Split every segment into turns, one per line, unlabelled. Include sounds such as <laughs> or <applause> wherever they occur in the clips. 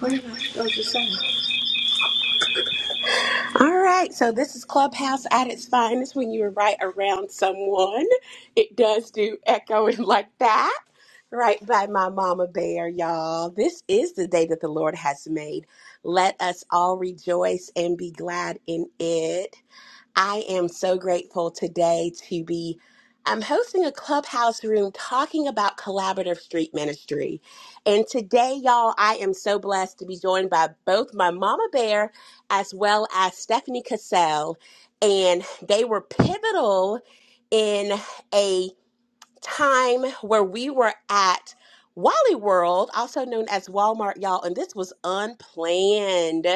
What am I supposed to say? All right, so this is Clubhouse at its finest when you're right around someone. It does do echoing <laughs> like that. Right by my mama bear, y'all. This is the day that the Lord has made. Let us all rejoice and be glad in it. I am so grateful today to be I'm hosting a clubhouse room talking about collaborative street ministry. And today, y'all, I am so blessed to be joined by both my mama bear as well as Stephanie Cassell. And they were pivotal in a time where we were at Wally World, also known as Walmart, y'all, and this was unplanned.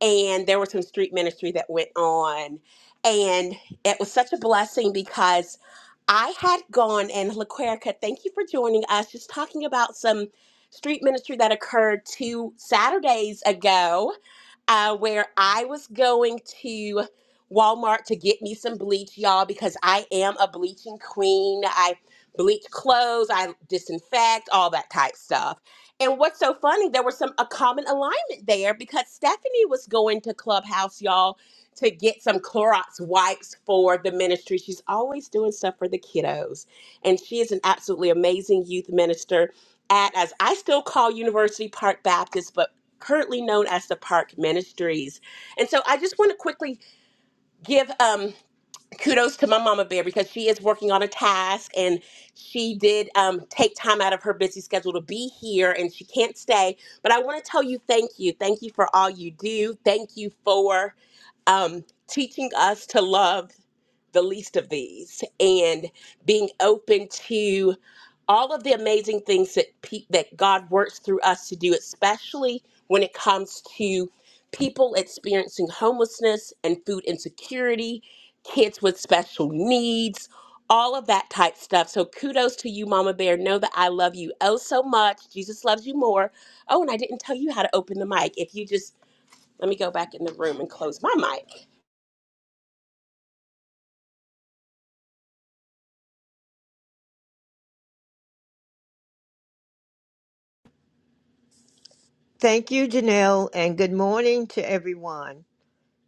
And there was some street ministry that went on. And it was such a blessing because I had gone and LaQuerica, thank you for joining us, just talking about some street ministry that occurred two Saturdays ago uh, where I was going to Walmart to get me some bleach, y'all, because I am a bleaching queen. I bleach clothes, I disinfect, all that type stuff. And what's so funny, there was some a common alignment there because Stephanie was going to Clubhouse, y'all, to get some Clorox wipes for the ministry. She's always doing stuff for the kiddos. And she is an absolutely amazing youth minister at, as I still call University Park Baptist, but currently known as the Park Ministries. And so I just want to quickly give um, kudos to my mama bear because she is working on a task and she did um, take time out of her busy schedule to be here and she can't stay. But I want to tell you thank you. Thank you for all you do. Thank you for um, teaching us to love the least of these and being open to all of the amazing things that pe- that God works through us to do, especially when it comes to people experiencing homelessness and food insecurity, kids with special needs, all of that type stuff. So kudos to you, Mama Bear. Know that I love you oh so much. Jesus loves you more. Oh, and I didn't tell you how to open the mic. If you just let me go back in the room and close my mic.
Thank you, Janelle, and good morning to everyone.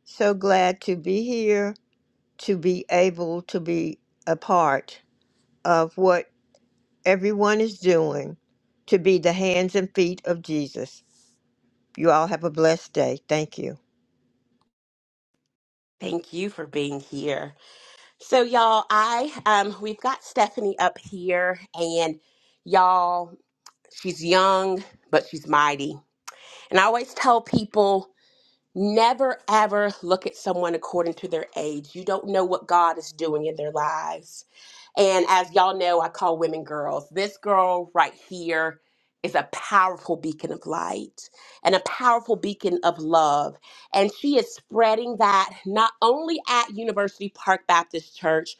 So glad to be here, to be able to be a part of what everyone is doing, to be the hands and feet of Jesus. You all have a blessed day. Thank you.
Thank you for being here. So y'all, I um we've got Stephanie up here and y'all, she's young, but she's mighty. And I always tell people never ever look at someone according to their age. You don't know what God is doing in their lives. And as y'all know, I call women girls. This girl right here is a powerful beacon of light and a powerful beacon of love. And she is spreading that not only at University Park Baptist Church,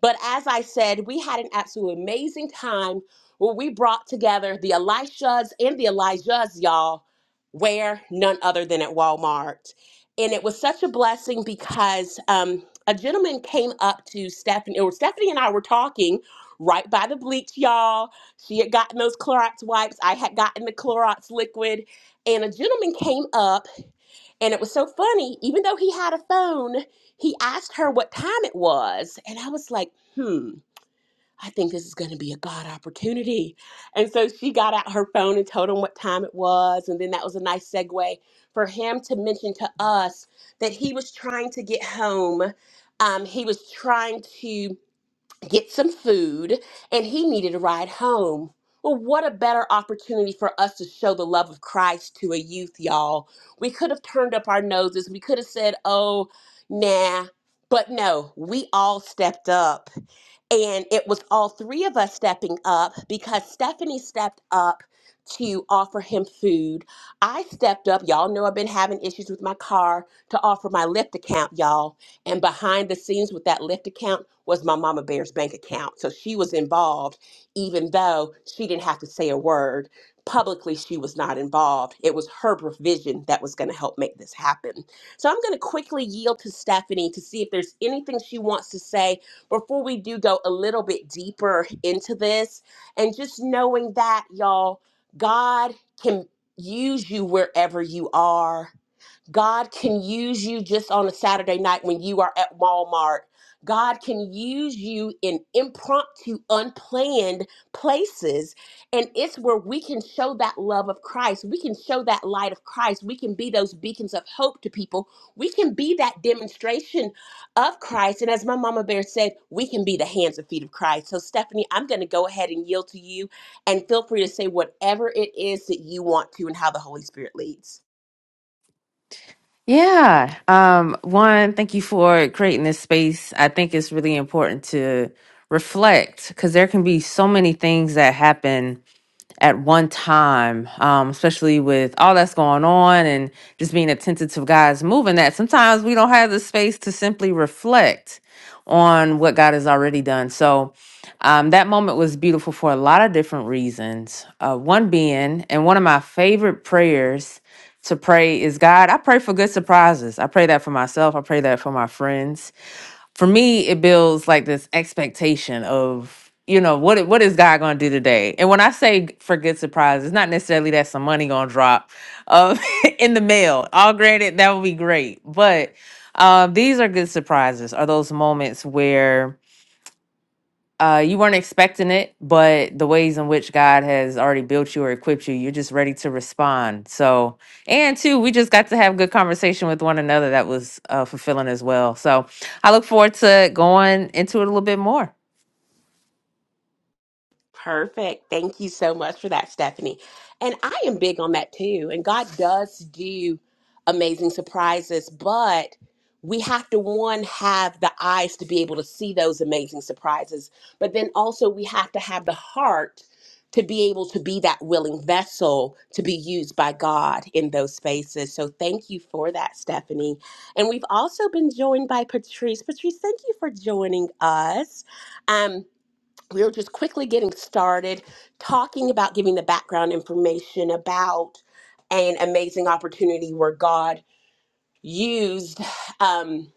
but as I said, we had an absolute amazing time where we brought together the Elishas and the Elijahs, y'all, where none other than at Walmart. And it was such a blessing because um, a gentleman came up to Stephanie, or Stephanie and I were talking right by the bleach, y'all. She had gotten those Clorox wipes, I had gotten the Clorox liquid, and a gentleman came up. And it was so funny, even though he had a phone, he asked her what time it was. And I was like, hmm, I think this is going to be a God opportunity. And so she got out her phone and told him what time it was. And then that was a nice segue for him to mention to us that he was trying to get home. Um, he was trying to get some food, and he needed a ride home. Well, what a better opportunity for us to show the love of Christ to a youth, y'all. We could have turned up our noses. We could have said, oh, nah. But no, we all stepped up. And it was all three of us stepping up because Stephanie stepped up to offer him food. I stepped up. Y'all know I've been having issues with my car to offer my Lyft account, y'all. And behind the scenes with that Lyft account was my Mama Bear's bank account. So she was involved, even though she didn't have to say a word. Publicly, she was not involved. It was her provision that was going to help make this happen. So I'm going to quickly yield to Stephanie to see if there's anything she wants to say before we do go a little bit deeper into this and just knowing that y'all god can use you wherever you are God can use you just on a Saturday night when you are at Walmart. God can use you in impromptu, unplanned places. And it's where we can show that love of Christ. We can show that light of Christ. We can be those beacons of hope to people. We can be that demonstration of Christ. And as my mama bear said, we can be the hands and feet of Christ. So, Stephanie, I'm going to go ahead and yield to you and feel free to say whatever it is that you want to and how the Holy Spirit leads.
Yeah. Um, one, thank you for creating this space. I think it's really important to reflect because there can be so many things that happen at one time, um, especially with all that's going on and just being attentive to God's moving, that sometimes we don't have the space to simply reflect on what God has already done. So um, that moment was beautiful for a lot of different reasons. Uh, one being, and one of my favorite prayers to pray is God, I pray for good surprises. I pray that for myself, I pray that for my friends for me it builds like this expectation of you know what i- what is god going to do today and when i say g- for good surprise it's not necessarily that some money going to drop uh, <laughs> in the mail all granted that would be great but uh, these are good surprises are those moments where uh, you weren't expecting it, but the ways in which God has already built you or equipped you, you're just ready to respond. So, and two, we just got to have good conversation with one another that was uh, fulfilling as well. So, I look forward to going into it a little bit more.
Perfect. Thank you so much for that, Stephanie. And I am big on that too. And God does do amazing surprises, but we have to one have the eyes to be able to see those amazing surprises, but then also we have to have the heart to be able to be that willing vessel to be used by God in those spaces. So thank you for that, Stephanie. And we've also been joined by Patrice. Patrice, thank you for joining us. Um we were just quickly getting started talking about giving the background information about an amazing opportunity where God used. Um,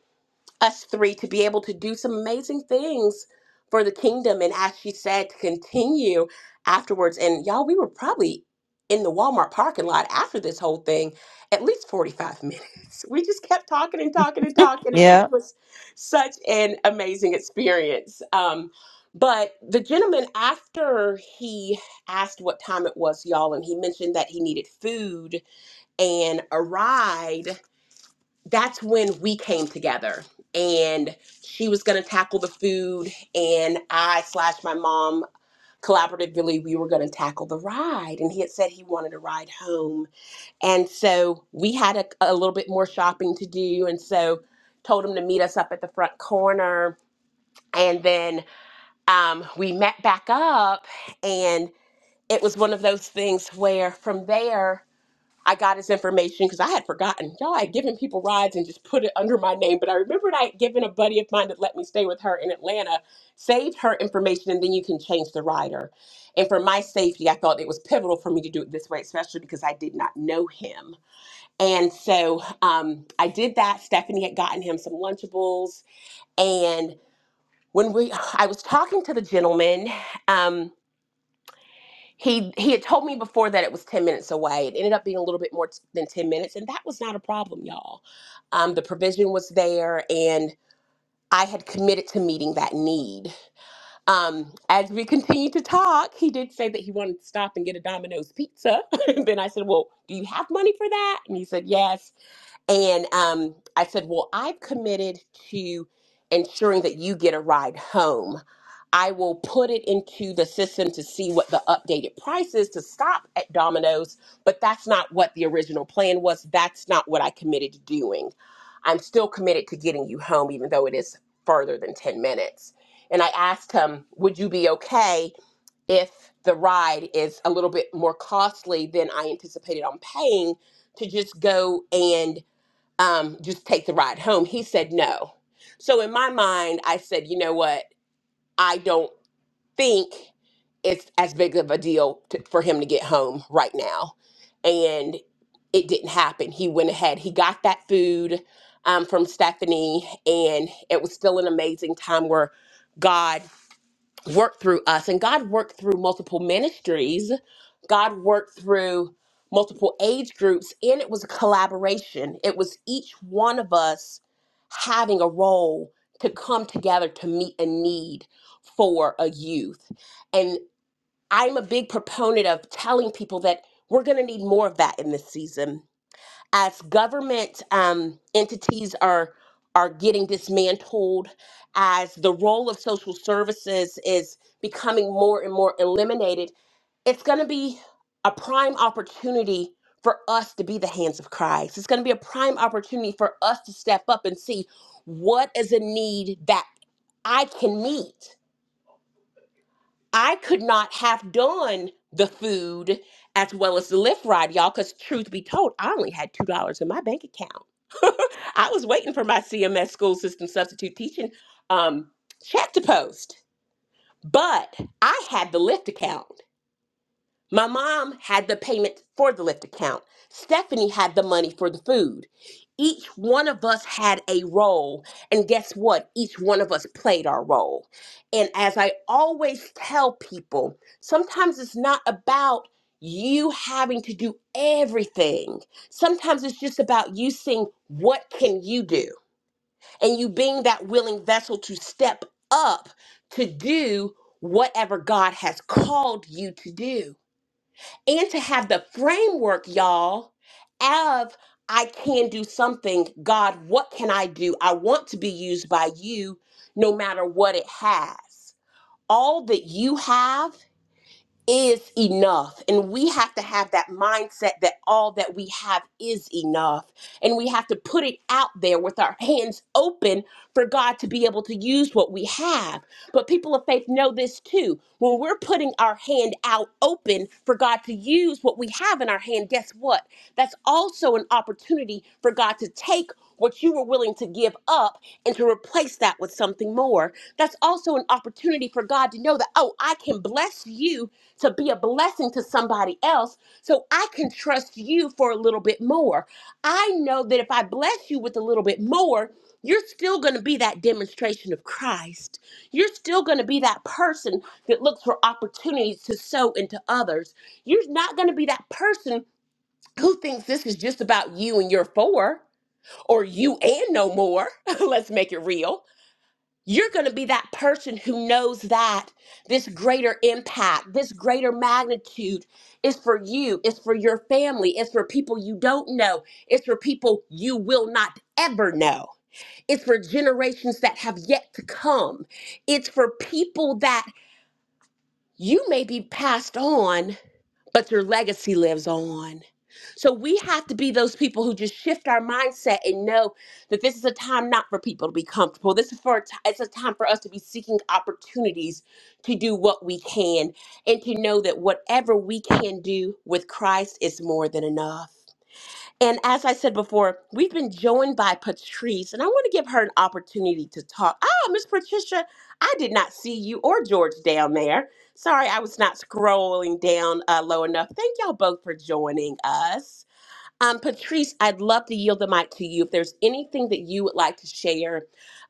us three to be able to do some amazing things for the kingdom. And as she said, to continue afterwards. And y'all, we were probably in the Walmart parking lot after this whole thing at least 45 minutes. <laughs> We just kept talking and talking and talking, and
Yeah.
it was such an amazing experience. Um, but the gentleman, after he asked what time it was, y'all, and he mentioned that he needed food and a ride, that's when we came together and she was going to tackle the food and i slash my mom collaboratively we were going to tackle the ride and he had said he wanted a ride home and so we had a, a little bit more shopping to do and so told him to meet us up at the front corner and then um, we met back up and it was one of those things where from there I got his information because I had forgotten. Y'all, I had given people rides and just put it under my name. But I remembered I had given a buddy of mine that let me stay with her in Atlanta, saved her information, and then you can change the rider. And for my safety, I felt it was pivotal for me to do it this way, especially because I did not know him. And so um, I did that. Stephanie had gotten him some Lunchables. And when we, I was talking to the gentleman, um, he he had told me before that it was 10 minutes away it ended up being a little bit more t- than 10 minutes and that was not a problem y'all um, the provision was there and i had committed to meeting that need um, as we continued to talk he did say that he wanted to stop and get a domino's pizza <laughs> and then i said well do you have money for that and he said yes and um, I said, Well, I've committed to ensuring that you get a ride home. I will put it into the system to see what the updated price is to stop at Domino's, but that's not what the original plan was. That's not what I committed to doing. I'm still committed to getting you home, even though it is further than 10 minutes. And I asked him, Would you be okay if the ride is a little bit more costly than I anticipated on paying to just go and um, just take the ride home. He said no. So in my mind, I said, you know what? I don't think it's as big of a deal to, for him to get home right now. And it didn't happen. He went ahead, he got that food um, from Stephanie, and it was still an amazing time where God worked through us and God worked through multiple ministries. God worked through multiple age groups and it was a collaboration. It was each one of us having a role to come together to meet a need for a youth. And I'm a big proponent of telling people that we're going to need more of that in this season as government um, entities are are getting dismantled, as the role of social services is becoming more and more eliminated, it's going to be a prime opportunity for us to be the hands of Christ. It's going to be a prime opportunity for us to step up and see what is a need that I can meet I could not have done the food as well as the lift ride, y'all, because truth be told, I only had $2 in my bank account. <laughs> I was waiting for my CMS school system substitute teaching um, check to post, but I had the lift account. My mom had the payment for the Lyft account. Stephanie had the money for the food. Each one of us had a role. And guess what? Each one of us played our role. And as I always tell people, sometimes it's not about you having to do everything. Sometimes it's just about you seeing what can you do and you being that willing vessel to step up to do whatever God has called you to do and to have the framework, y'all, of I can do something. God, what can I do? I want to be used by you no matter what it has. All that you have is enough. And we have to have that mindset that all that we have is enough. And we have to put it out there with our hands open for God to be able to use what we have. But people of faith know this too. When we're putting our hand out open for God to use what we have in our hand, guess what? That's also an opportunity for God to take what you were willing to give up and to replace that with something more. That's also an opportunity for God to know that, oh, I can bless you to be a blessing to somebody else. So I can trust you for a little bit more. I know that if I bless you with a little bit more, you're still going to be that demonstration of Christ. You're still going to be that person that looks for opportunities to sow into others. You're not going to be that person who thinks this is just about you and your four or you and no more, <laughs> let's make it real, you're going to be that person who knows that this greater impact, this greater magnitude is for you, it's for your family, it's for people you don't know, it's for people you will not ever know, it's for generations that have yet to come, it's for people that you may be passed on but your legacy lives on. So we have to be those people who just shift our mindset and know that this is a time not for people to be comfortable. This is for a t- it's a time for us to be seeking opportunities to do what we can and to know that whatever we can do with Christ is more than enough. And as I said before, we've been joined by Patrice, and I want to give her an opportunity to talk. Ah, Miss Patricia, I did not see you or George down there. Sorry, I was not scrolling down uh, low enough. Thank y'all both for joining us. Um, Patrice, I'd love to yield the mic to you. If there's anything that you would like to share,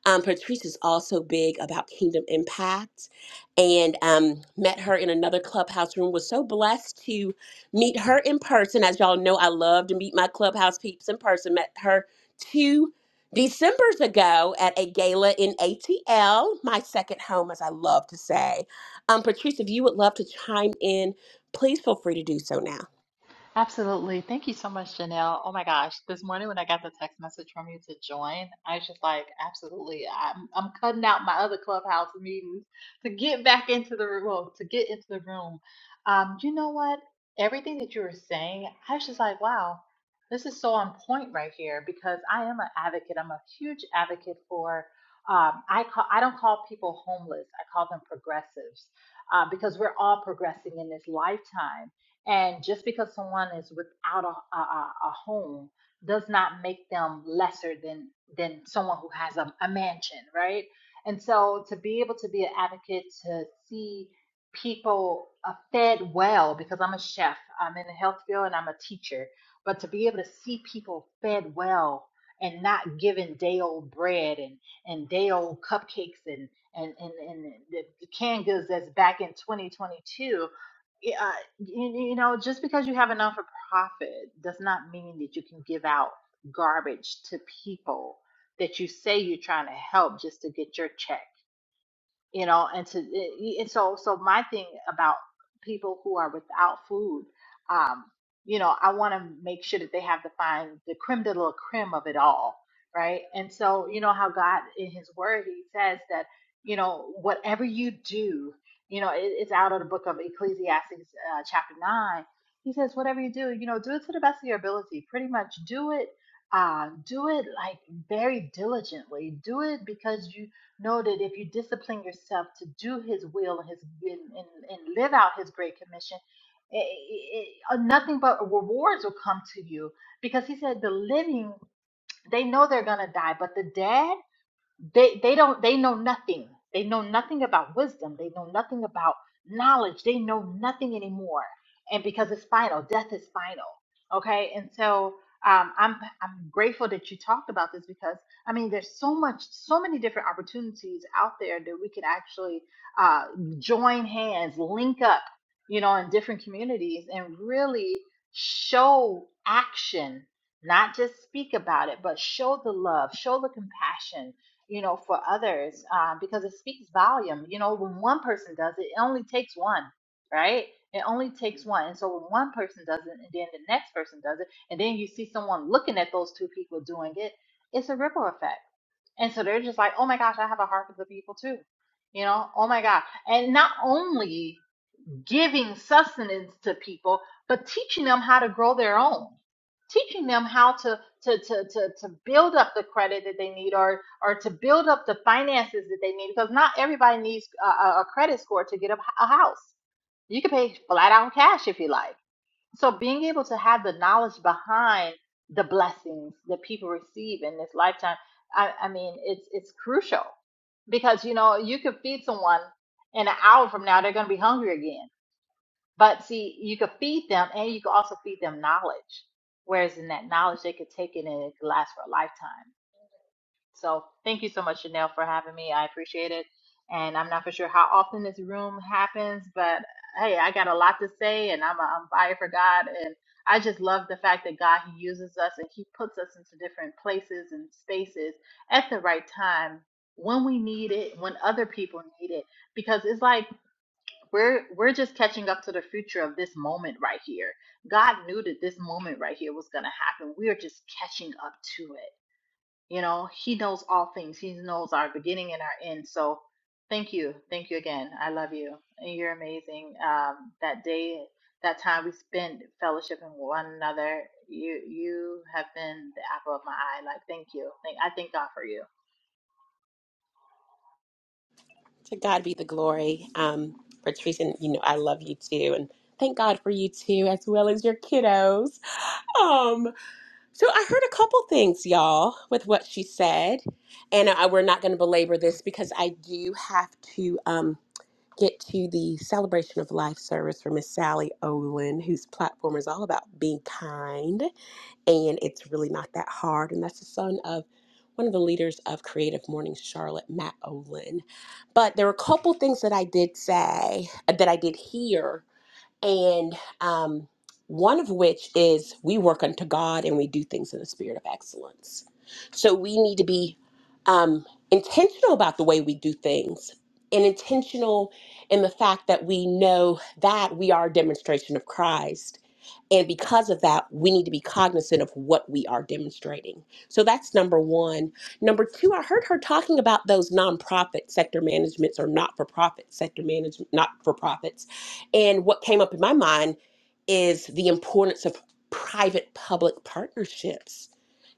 um, Patrice is also big about Kingdom Impact and um, met her in another clubhouse room. Was so blessed to meet her in person. As y'all know, I love to meet my clubhouse peeps in person. Met her two Decembers ago at a gala in ATL, my second home, as I love to say. Um, Patrice, if you would love to chime in, please feel free to do so now.
Absolutely. Thank you so much, Janelle. Oh my gosh, this morning when I got the text message from you to join, I was just like, absolutely. I'm I'm cutting out my other clubhouse meetings to get back into the room, well, to get into the room. Um, you know what? Everything that you were saying, I was just like, wow, this is so on point right here because I am an advocate. I'm a huge advocate for um, I call I don't call people homeless. I call them progressives uh, because we're all progressing in this lifetime and just because someone is without a, a, a a home does not make them lesser than than someone who has a, a mansion, right? And so to be able to be an advocate to see people uh, fed well, because I'm a chef, I'm in the health field, and I'm a teacher, but to be able to see people fed well and not given day old bread and, and day old cupcakes and and and, and the the canned goods that's back in 2022 yeah, uh, you, you know, just because you have a non for profit does not mean that you can give out garbage to people that you say you're trying to help just to get your check you know and to eh, and so so my thing about people who are without food um you know i want to make sure that they have the fine the creme de la creme of it all right and so you know how god in his word he says that you know whatever you do you know it, it's out of the book of ecclesiastes uh, chapter 9 he says whatever you do you know do it to the best of your ability pretty much do it uh, do it like very diligently do it because you Know that if you discipline yourself to do His will and His and, and, live out His great commission, eh, eh, eh, nothing but rewards will come to you. Because He said the living, they know they're gonna die, but the dead they they don't they know nothing they know nothing about wisdom they know nothing about knowledge they know nothing anymore and because it's final death is final okay and so um, I'm I'm grateful that you talked about this because I mean there's so much so many different opportunities out there that we could actually uh, join hands link up you know in different communities and really show action not just speak about it but show the love show the compassion you know, for others, um, because it speaks volume. You know, when one person does it, it only takes one, right? It only takes one. And so when one person does it, and then the next person does it, and then you see someone looking at those two people doing it, it's a ripple effect. And so they're just like, oh my gosh, I have a heart for the people too. You know, oh my God. And not only giving sustenance to people, but teaching them how to grow their own, teaching them how to to to to, to build up the credit that they need, or or to build up the finances that they need, because not everybody needs a, a credit score to get a, a house. You can pay flat out cash if you like. So being able to have the knowledge behind the blessings that people receive in this lifetime, I, I mean, it's it's crucial because you know you could feed someone in an hour from now they're going to be hungry again but see, you could feed them and you could also feed them knowledge. Whereas in that knowledge, they could take it and it could last for a lifetime. So thank you so much, Chanel, for having me. I appreciate it. And I'm not for sure how often this room happens, but hey, I got a lot to say and I'm, I'm fired for God. And I just love the fact that God, He uses us and He puts us into different places and spaces at the right time when we need it, when other people need it. Because it's like, we're we're just catching up to the future of this moment right here. God knew that this moment right here was going to happen. We are just catching up to it. You know, he knows all things. He knows our beginning and our end. So, thank you. Thank you again. I love you. And you're amazing. Um that day, that time we spent fellowshipping with one another, you you have been the apple of my eye. Like, thank you. Thank I thank God for you.
To God be the glory. Um, Patrice, and you know, I love you too. And thank God for you too, as well as your kiddos. Um, so I heard a couple things, y'all, with what she said. And I, we're not going to belabor this because I do have to um, get to the celebration of life service for Miss Sally Olin, whose platform is all about being kind and it's really not that hard. And that's the son of one of the leaders of Creative Morning Charlotte, Matt Olin. But there were a couple things that I did say, that I did hear and um, one of which is we work unto God and we do things in the spirit of excellence. So we need to be um, intentional about the way we do things, and intentional in the fact that we know that we are a demonstration of Christ. And because of that, we need to be cognizant of what we are demonstrating. So that's number one. Number two, I heard her talking about those nonprofit sector managements or not for profit sector management, not for profits and what came up in my mind is the importance of private public partnerships.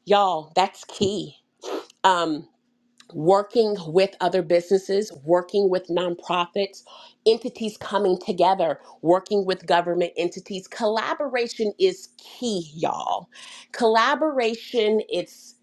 Y'all, that's key. Um, working with other businesses, working with nonprofits, entities coming together, working with government entities. Collaboration is key, y'all. Collaboration, it's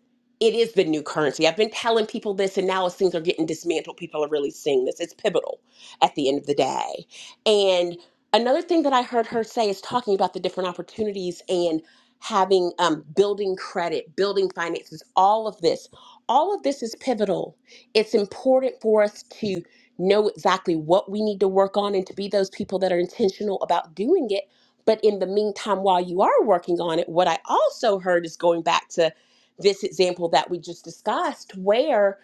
it is the new currency. I've been telling people this, and now as things are getting dismantled, people are really seeing this. It's pivotal at the end of the day. And another thing that I heard her say is talking about the different opportunities and having um, building credit, building finances, all of this all of this is pivotal. It's important for us to know exactly what we need to work on and to be those people that are intentional about doing it. But in the meantime, while you are working on it, what I also heard is going back to this example that we just discussed, where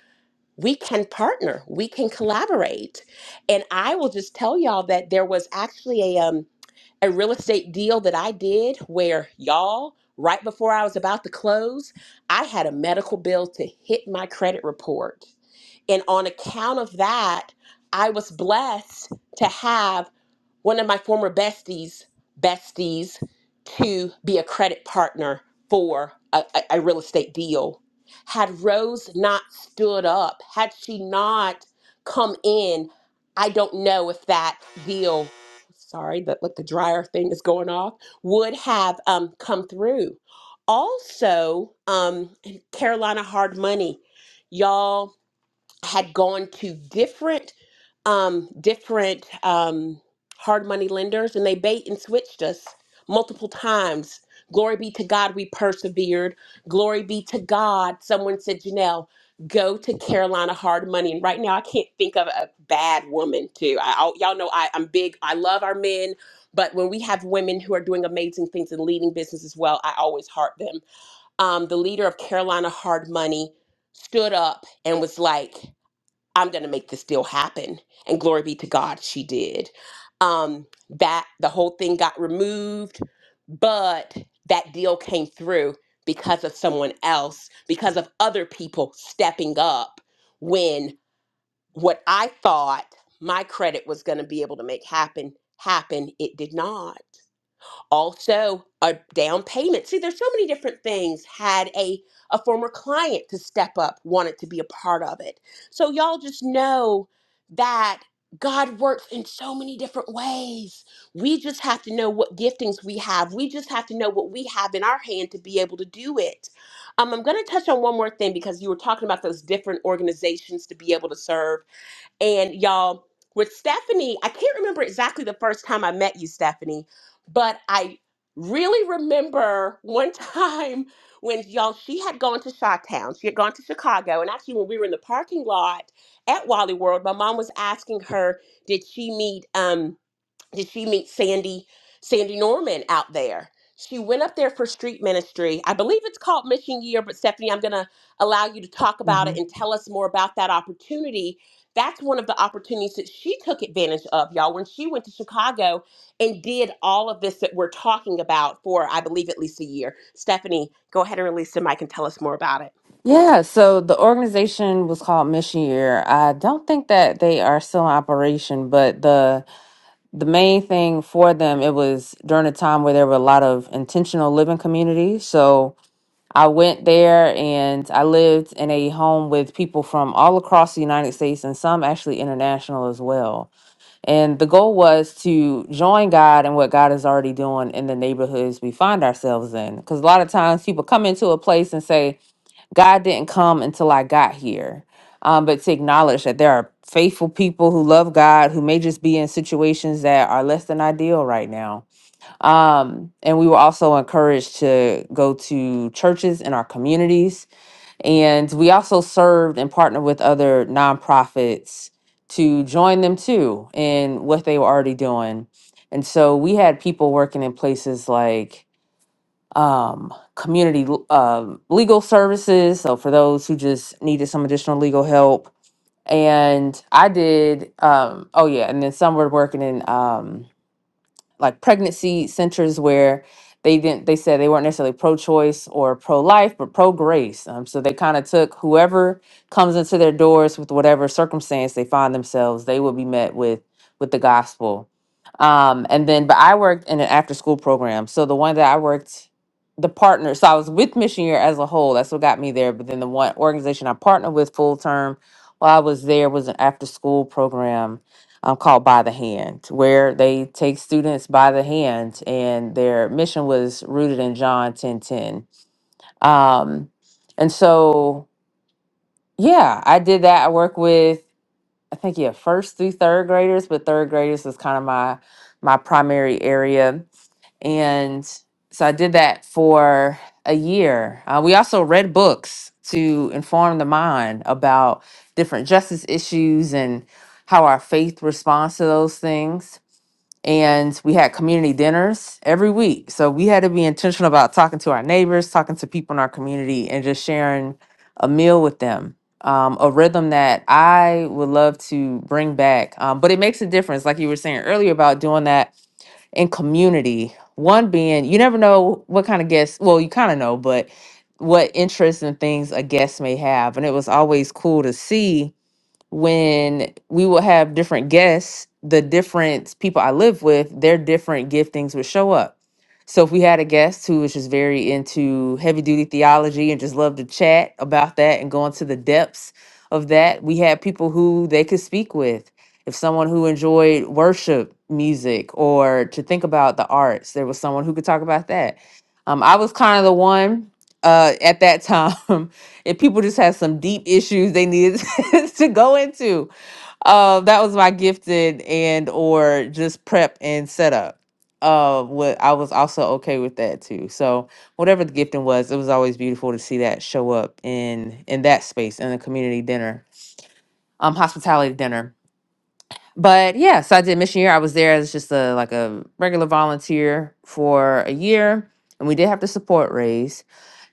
we can partner, we can collaborate. And I will just tell y'all that there was actually a um, a real estate deal that I did where y'all, right before I was about to close, I had a medical bill to hit my credit report. And on account of that, I was blessed to have one of my former besties, besties, to be a credit partner for a, a, a real estate deal. Had Rose not stood up, had she not come in, I don't know if that deal, sorry, that like the dryer thing is going off, would have um, come through. Also, um, Carolina Hard Money, y'all had gone to different um, different um, hard money lenders and they bait and switched us multiple times. Glory be to God, we persevered. Glory be to God. Someone said, Janelle, go to Carolina Hard Money. And right now, I can't think of a bad woman, too. I, I- y'all know I, I'm big, I love our men, but when we have women who are doing amazing things and leading business as well, I always heart them. Um, the leader of Carolina Hard Money stood up and was like, I'm going to make this deal happen. And glory be to God, she did. Um, that the whole thing got removed, but that deal came through because of someone else, because of other people stepping up when what I thought my credit was going to be able to make happen, happen, it did not also a down payment see there's so many different things had a a former client to step up wanted to be a part of it so y'all just know that god works in so many different ways we just have to know what giftings we have we just have to know what we have in our hand to be able to do it um, i'm going to touch on one more thing because you were talking about those different organizations to be able to serve and y'all, with Stephanie, I can't remember exactly the first time I met you, Stephanie, but I really remember one <laughs> time when y'all, she had gone to Chi-Town. She had gone to Chicago. And actually, when we were in the parking lot at Wally World, my mom was asking her, did she meet um did she meet Sandy Sandy Norman out there. She went up there for street ministry. I believe it's called Mission Year, but Stephanie, I'm going to allow you to talk about
hmm
it and tell us more about that opportunity. That's one of the opportunities that she took advantage of, y'all, when she went to Chicago and did all of this that we're talking about for, I believe, at least a year. Stephanie, go ahead and release the mic and tell us more about it.
Yeah, so the organization was called Mission Year. I don't think that they are still in operation, but the the main thing for them it was during a time where there were a lot of intentional living communities. So I went there and I lived in a home with people from all across the United States and some actually international as well. And the goal was to join God and what God is already doing in the neighborhoods we find ourselves in. Because a lot of times people come into a place and say, God didn't come until I got here. Um, but to acknowledge that there are faithful people who love God who may just be in situations that are less than ideal right now um, and we were also encouraged to go to churches in our communities. And we also served and partnered with other nonprofits to join them too in what they were already doing. And so we had people working in places like um, community l- um legal services. So for those who just needed some additional legal help. And I did, um, oh yeah, and then some were working in. Um, like pregnancy centers where they didn't they said they weren't necessarily pro-choice or pro-life but pro-grace um, so they kind of took whoever comes into their doors with whatever circumstance they find themselves they will be met with with the gospel um, and then but i worked in an after school program so the one that i worked the partner so i was with mission year as a whole that's what got me there but then the one organization i partnered with full term while i was there was an after school program um, called By the Hand, where they take students by the hand, and their mission was rooted in John 10 10. Um, and so, yeah, I did that. I work with, I think, yeah, first through third graders, but third graders is kind of my my primary area. And so I did that for a year. Uh, we also read books to inform the mind about different justice issues and how our faith responds to those things and we had community dinners every week. So we had to be intentional about talking to our neighbors, talking to people in our community, and just sharing a meal with them. Um, a rhythm that I would love to bring back, um, but it makes a difference, like you were saying earlier about doing that in community. One being, you never know what kind of guests. Well, you kind of know, but what interests and things a guest may have, and it was always cool to see when we will have different guests, the different people I live with, their different giftings would show up. So if we had a guest who was just very into heavy duty theology and just loved to chat about that and go into the depths of that, we had people who they could speak with. If someone who enjoyed worship music or to think about the arts, there was someone who could talk about that. Um, I was kind of the one uh, at that time <laughs> and people just had some deep issues they needed <laughs> to go into. Uh, that was my gifted and or just prep and setup. Uh, what I was also okay with that too. So whatever the gifting was, it was always beautiful to see that show up in in that space in a community dinner, um, hospitality dinner but yeah, so I did mission year. I was there as just a like a regular volunteer for a year, and we did have to support raise.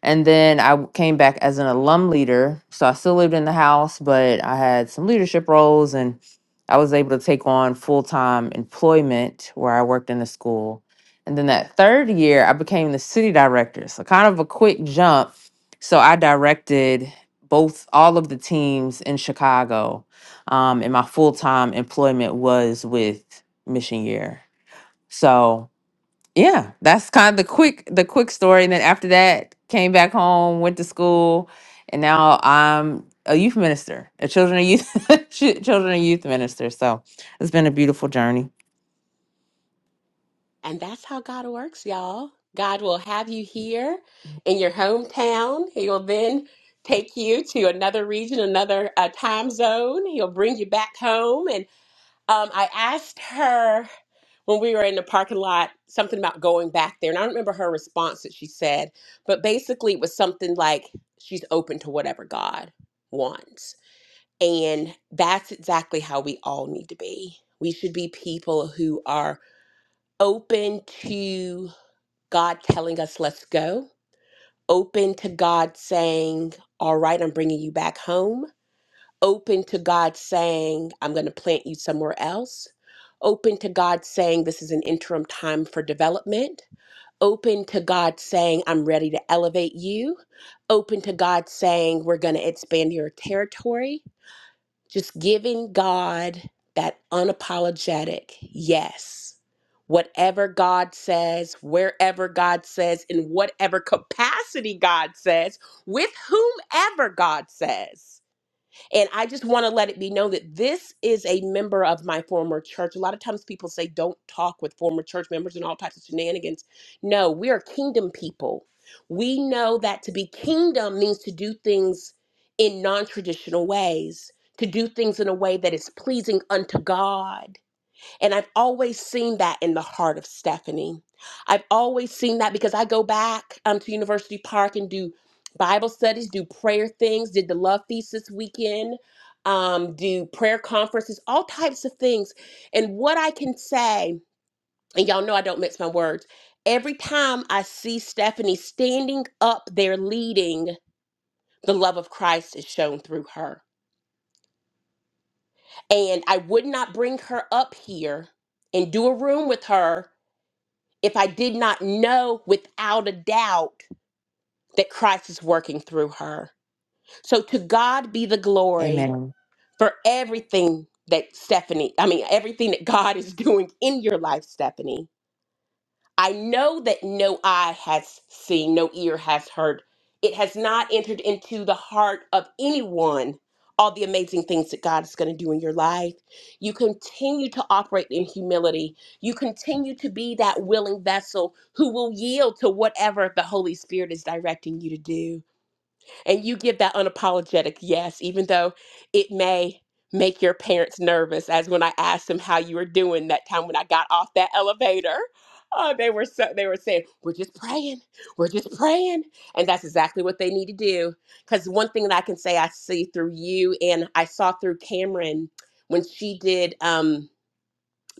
And then I w- came back as an alum leader. So I still lived in the house, but I had some leadership roles and I was able to take on full time employment where I worked in the school. And then that third year, I became the city director. So kind of a quick jump. So I directed both all of the teams in Chicago um, and my full time employment was with Mission Year. So yeah, that's kind of the quick the quick story. And then after that, came back home, went to school, and now I'm a youth minister, a children and youth <laughs> chi- children and youth minister. So it's been a beautiful journey.
And that's how God works, y'all. God will have you here in your hometown. He will then take you to another region, another uh, time zone. He'll bring you back home. And um, I asked her when we were in the parking lot something about going back there. And I don't remember her response that she said, but basically it was something like she's open to whatever God wants. And that's exactly how we all need to be. We should be people who are open to God telling us, let's go, open to God saying, all right, I'm bringing you back home, open to God saying, I'm going to plant you somewhere else, open to God saying, this is an interim time for development, open to God saying, I'm ready to elevate you, open to God saying, we're going to expand your territory, just giving God that unapologetic yes. Whatever God says, wherever God says, in whatever capacity God says, with whomever God says. And I just want to let it be known that this is a member of my former church. A lot of times people say, don't talk with former church members and all types of shenanigans. No, we are kingdom people. We know that to be kingdom means to do things in non traditional ways, to do things in a way that is pleasing unto God. And I've always seen that in the heart of Stephanie. I've always seen that because I go back um, to University Park and do Bible studies, do prayer things, did the Love Feast this weekend, um, do prayer conferences, all types of things. And what I can say, and y'all know I don't mix my words, every time I see Stephanie standing up there leading, the love of Christ is shown through her. And I would not bring her up here and do a room with her if I did not know without a doubt that Christ is working through her. So to God be the glory
Amen.
for everything that Stephanie, I mean, everything that God is <laughs> doing in your life, Stephanie. I know that no eye has seen, no ear has heard. It has not entered into the heart of anyone all the amazing things that God is going to do in your life. You continue to operate in humility. You continue to be that willing vessel who will yield to whatever the Holy Spirit is directing you to do and you give that unapologetic yes, even though it may make your parents nervous. As when I asked them how you were doing that time when I got off that elevator, oh, they were so they were saying, "We're just praying, we're just praying," and that's exactly what they need to do. Because one thing that I can say I see through you, and I saw through Cameron when she did. Um,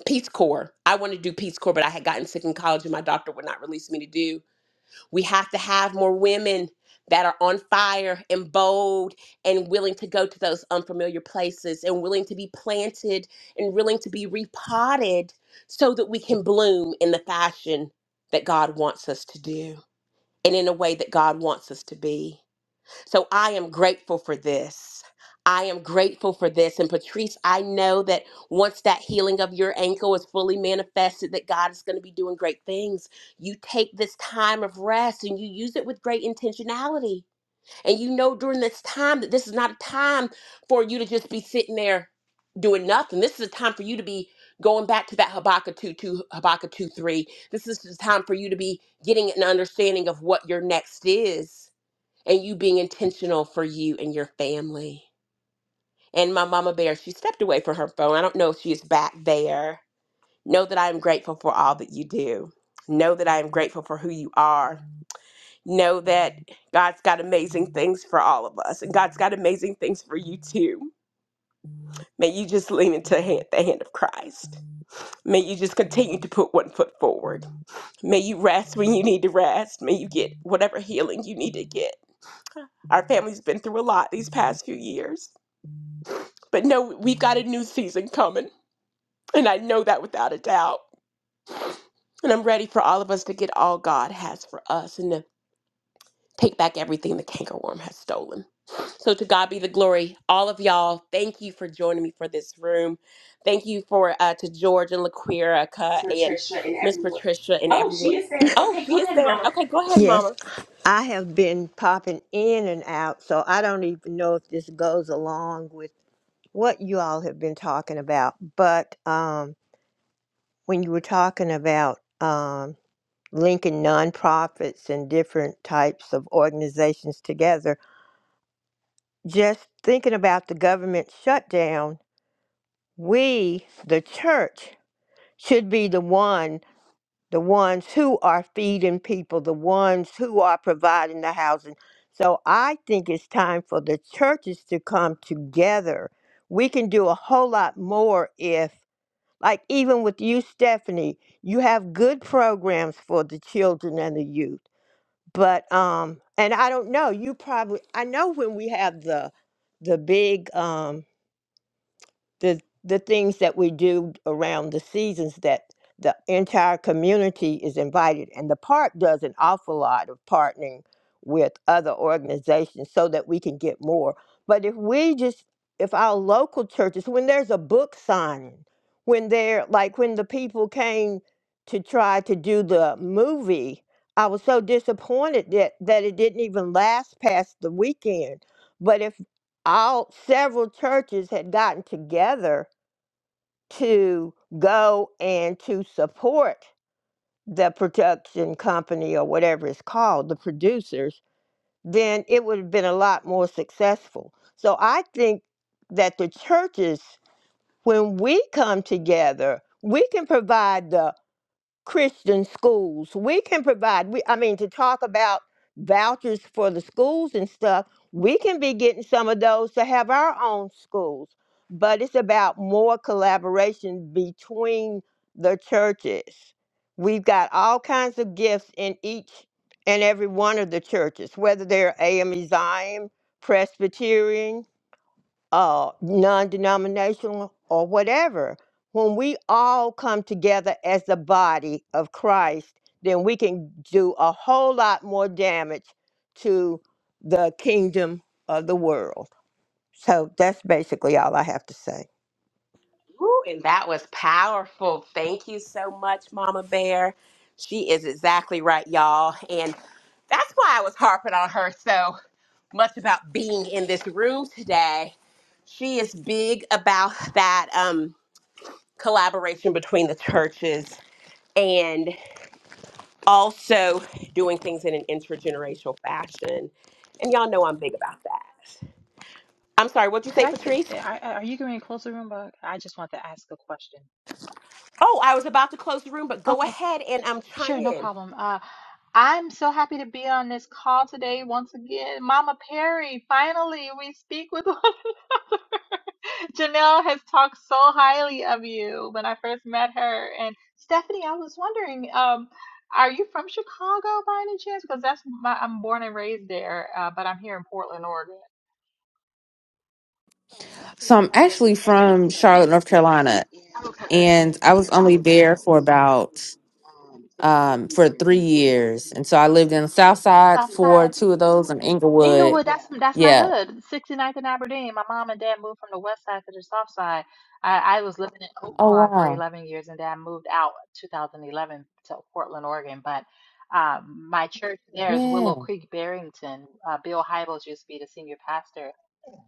Peace Corps. I wanted to do Peace Corps, but I had gotten sick in college and my doctor would not release me to do. We have to have more women that are on fire and bold and willing to go to those unfamiliar places and willing to be planted and willing to be repotted so that we can bloom in the fashion that God wants us to do and in a way that God wants us to be. So I am grateful for this. I am grateful for this. And Patrice, I know that once that healing of your ankle is fully manifested, that God is going to be doing great things. You take this time of rest and you use it with great intentionality. And you know during this time that this is not a time for you to just be sitting there doing nothing. This is a time for you to be going back to that Habakkuk 2 2, Habakkuk 2 3. This is the time for you to be getting an understanding of what your next is and you being intentional for you and your family. And my mama bear, she stepped away from her phone. I don't know if she is back there. Know that I am grateful for all that you do. Know that I am grateful for who you are. Know that God's got amazing things for all of us, and God's got amazing things for you too. May you just lean into hand- the hand of Christ. May you just continue to put one foot forward. May you rest when you need to rest. May you get whatever healing you need to get. Our family's been through a lot these past few years But no, we've got a new season coming. And I know that without a doubt. And I'm ready for all of us to get all God has for us and to take back everything the cankerworm has stolen. So to God be the glory. All of y'all, thank you for joining me for this room. Thank you for uh, to George and LaQuerica and
Patricia, and
Miss
everyone.
Patricia and
Oh,
everyone.
she is saying,
Oh,
okay, go
she is
ahead,
there.
Mama.
Okay, go ahead,
Yes,
Mama.
I have been popping in and out, so I don't even know if this goes along with what you all have been talking about, but um. when you were talking about um, linking nonprofits and different types of organizations together, just thinking about the government shutdown, we, the church, should be the one, the ones who are feeding people, the ones who are providing the housing. So I think it's time for the churches to come together. We can do a whole lot more if. Like even with you, Stephanie, you have good programs for the children and the youth. But um, and I don't know, you probably I know when we have the the big um the the things that we do around the seasons that the entire community is invited and the park does an awful lot of partnering with other organizations so that we can get more but if we just if our local churches when there's a book signing when they're like when the people came to try to do the movie i was so disappointed that that it didn't even last past the weekend but if all several churches had gotten together to go and to support the production company or whatever it's called, the producers, then it would have been a lot more successful. So I think that the churches, when we come together, we can provide the Christian schools. We can provide, we, I mean, to talk about vouchers for the schools and stuff, we can be getting some of those to have our own schools. But it's about more collaboration between the churches. We've got all kinds of gifts in each and every one of the churches, whether they're AME Zion, Presbyterian, uh, non-denominational or whatever when we all come together as the body of christ then we can do a whole lot more damage to the kingdom of the world so that's basically all i have to say
Ooh, and that was powerful. Thank you so much, Mama Bear. She is exactly right, y'all. And that's why I was harping on her so much about being in this room today. She is big about that um, collaboration between the churches and also doing things in an intergenerational fashion. And y'all know I'm big about that. I'm sorry, what'd you
Could
say,
I say,
Patrice?
I, I- are you going to close the room? But I just want to ask a question.
Oh, I was about to close the room, but go ahead and um, chime
Sure, no
in.
problem. Uh, I'm so happy to be on this call today once again. Mama Perry, finally we speak with <laughs> one. Janelle has talked so highly of you when I first met her. And Stephanie, I was wondering, um, are you from Chicago by any chance? Because that's my, I'm born and raised there, uh, but I'm here in Portland, Oregon.
So I'm actually from Charlotte, North Carolina,
Okay.
and I was only there for about um for three years. And so I lived in the South Side for
Southside.
two of those in Inglewood.
Inglewood, that's Yeah. that's my
Yeah.
hood, Sixty Ninth and Aberdeen. My mom and dad moved from the west side to the south side. I, I was living in
Oh
Oaklawn for
wow.
11 years, and then moved out 2011 to Portland, Oregon. But um, my church there is
Yeah.
Willow Creek, Barrington. Uh, Bill Hybels used to be the senior pastor,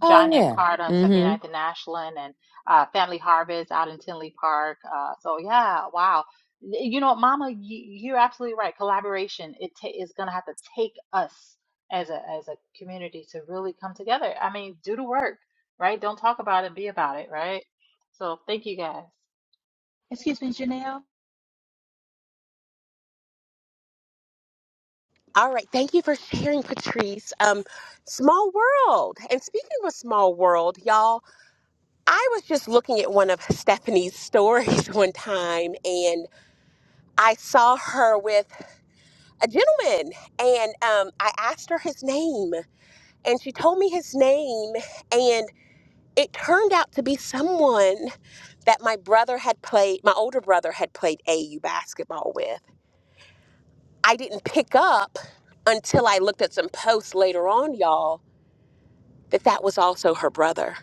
Oh
John F.
yeah.
Hart on
Mm-hmm.
Ninth and Ashland and uh, Family Harvest out in Tinley Park. Uh, so yeah, wow. You know, Mama, you, you're absolutely right. Collaboration it ta is going to have to take us as a as a community to really come together. I mean, do the work, right? Don't talk about it, be about it, right? So thank you guys. It's you.
All right. Thank you for sharing, Patrice. Um, small world. And speaking of a small world, y'all, I was just looking at one of Stephanie's stories <laughs> one time and I saw her with a gentleman and um, I asked her his name and she told me his name and it turned out to be someone that my brother had played, my older brother had played AU basketball with. I didn't pick up until I looked at some posts later on, y'all that that was also her brother.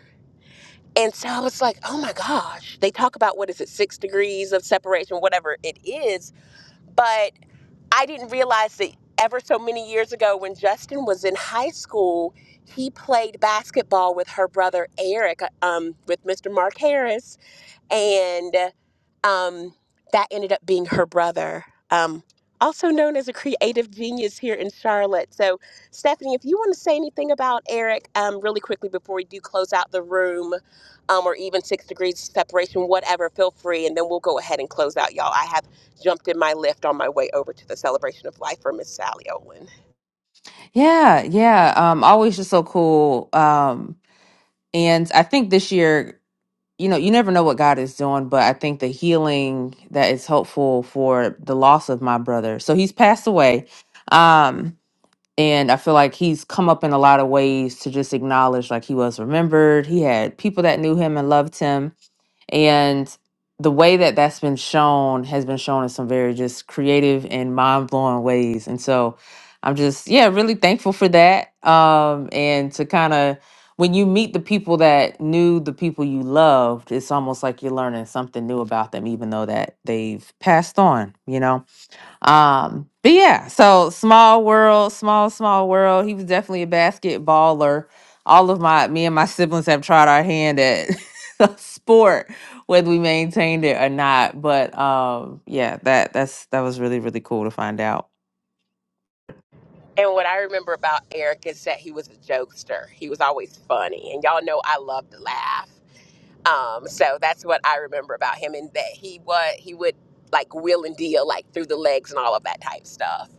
And so I was like, oh my gosh. They talk about what is it, six degrees of separation, whatever it is. But I didn't realize that ever so many years ago when Justin was in high school, he played basketball with her brother Eric, uh, um, with Mr. Mark Harris and um, that ended up being her brother, um, also known as a creative genius here in Charlotte. So, Stephanie, if you want to say anything about Eric, um, really quickly before we do close out the room, um, or even six degrees of separation, whatever, feel free, and then we'll go ahead and close out, y'all. I have jumped in my lift on my way over to the celebration of life for Miss Sally Owen.
Yeah, yeah. Um, always just so cool. Um, and I think this year, you know, you never know what God is doing, but I think the healing that is hopeful for the loss of my brother. So he's passed away. Um, and I feel like he's come up in a lot of ways to just acknowledge like he was remembered. He had people that knew him and loved him, and the way that that's been shown has been shown in some very just creative and mind blowing ways. And so, I'm just yeah really thankful for that. Um, and to kind of when you meet the people that knew the people you loved, it's almost like you're learning something new about them, even though that they've passed on. You know. Um, but yeah, so small world, small, small world. He was definitely a basketballer. All of my me and my siblings have tried our hand at <laughs> the sport, whether we maintained it or not. But um, yeah, that that's that was really, really cool to find out.
And what I remember about Eric is that he was a jokester. He was always funny. And y'all know I love to laugh. Um, so that's what I remember about him, and that he was he would like wheel and deal like through the legs and all of that type stuff.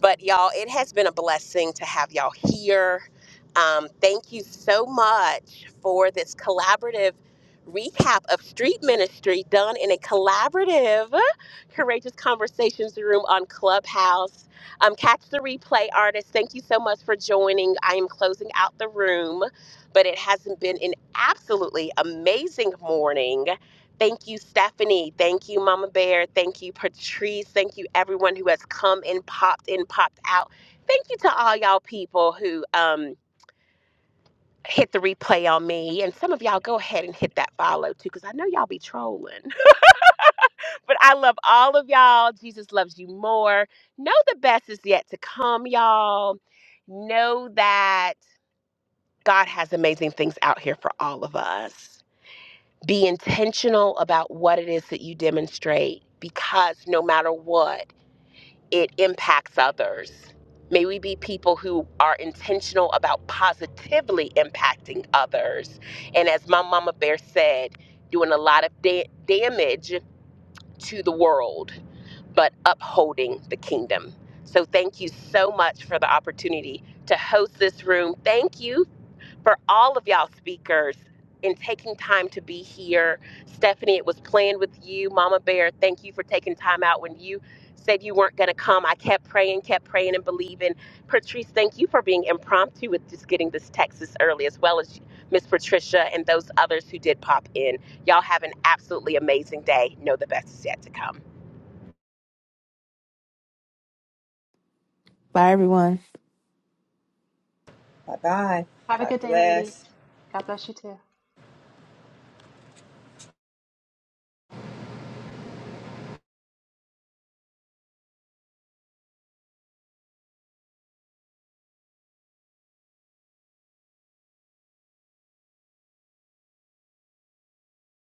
But y'all, it has been a blessing to have y'all here. Um, thank you so much for this collaborative recap of street ministry done in a collaborative, courageous conversations room on Clubhouse. Um, catch the replay, artists. Thank you so much for joining. I am closing out the room but it hasn't been an absolutely amazing morning. Thank you, Stephanie. Thank you, Mama Bear. Thank you, Patrice. Thank you, everyone who has come and popped in, popped out. Thank you to all y'all people who um, hit the replay on me. And some of y'all go ahead and hit that follow too, because I know y'all be trolling. <laughs> but I love all of y'all. Jesus loves you more. Know the best is yet to come, y'all. Know that God has amazing things out here for all of us Be intentional about what it is that you demonstrate because no matter what, it impacts others. May we be people who are intentional about positively impacting others. And as my mama bear said, doing a lot of da- damage to the world, but upholding the kingdom. So thank you so much for the opportunity to host this room. Thank you for all of y'all speakers in taking time to be here. Stephanie, it was planned with you. Mama Bear, thank you for taking time out when you said you weren't going to come. I kept praying, kept praying and believing. Patrice, thank you for being impromptu with just getting this text this early, as well as Miss Patricia and those others who did pop in. Y'all have an absolutely amazing day. Know the best is yet to come.
Bye everyone.
Bye bye.
Have a
God
good day, ladies.
bless.
God bless you too.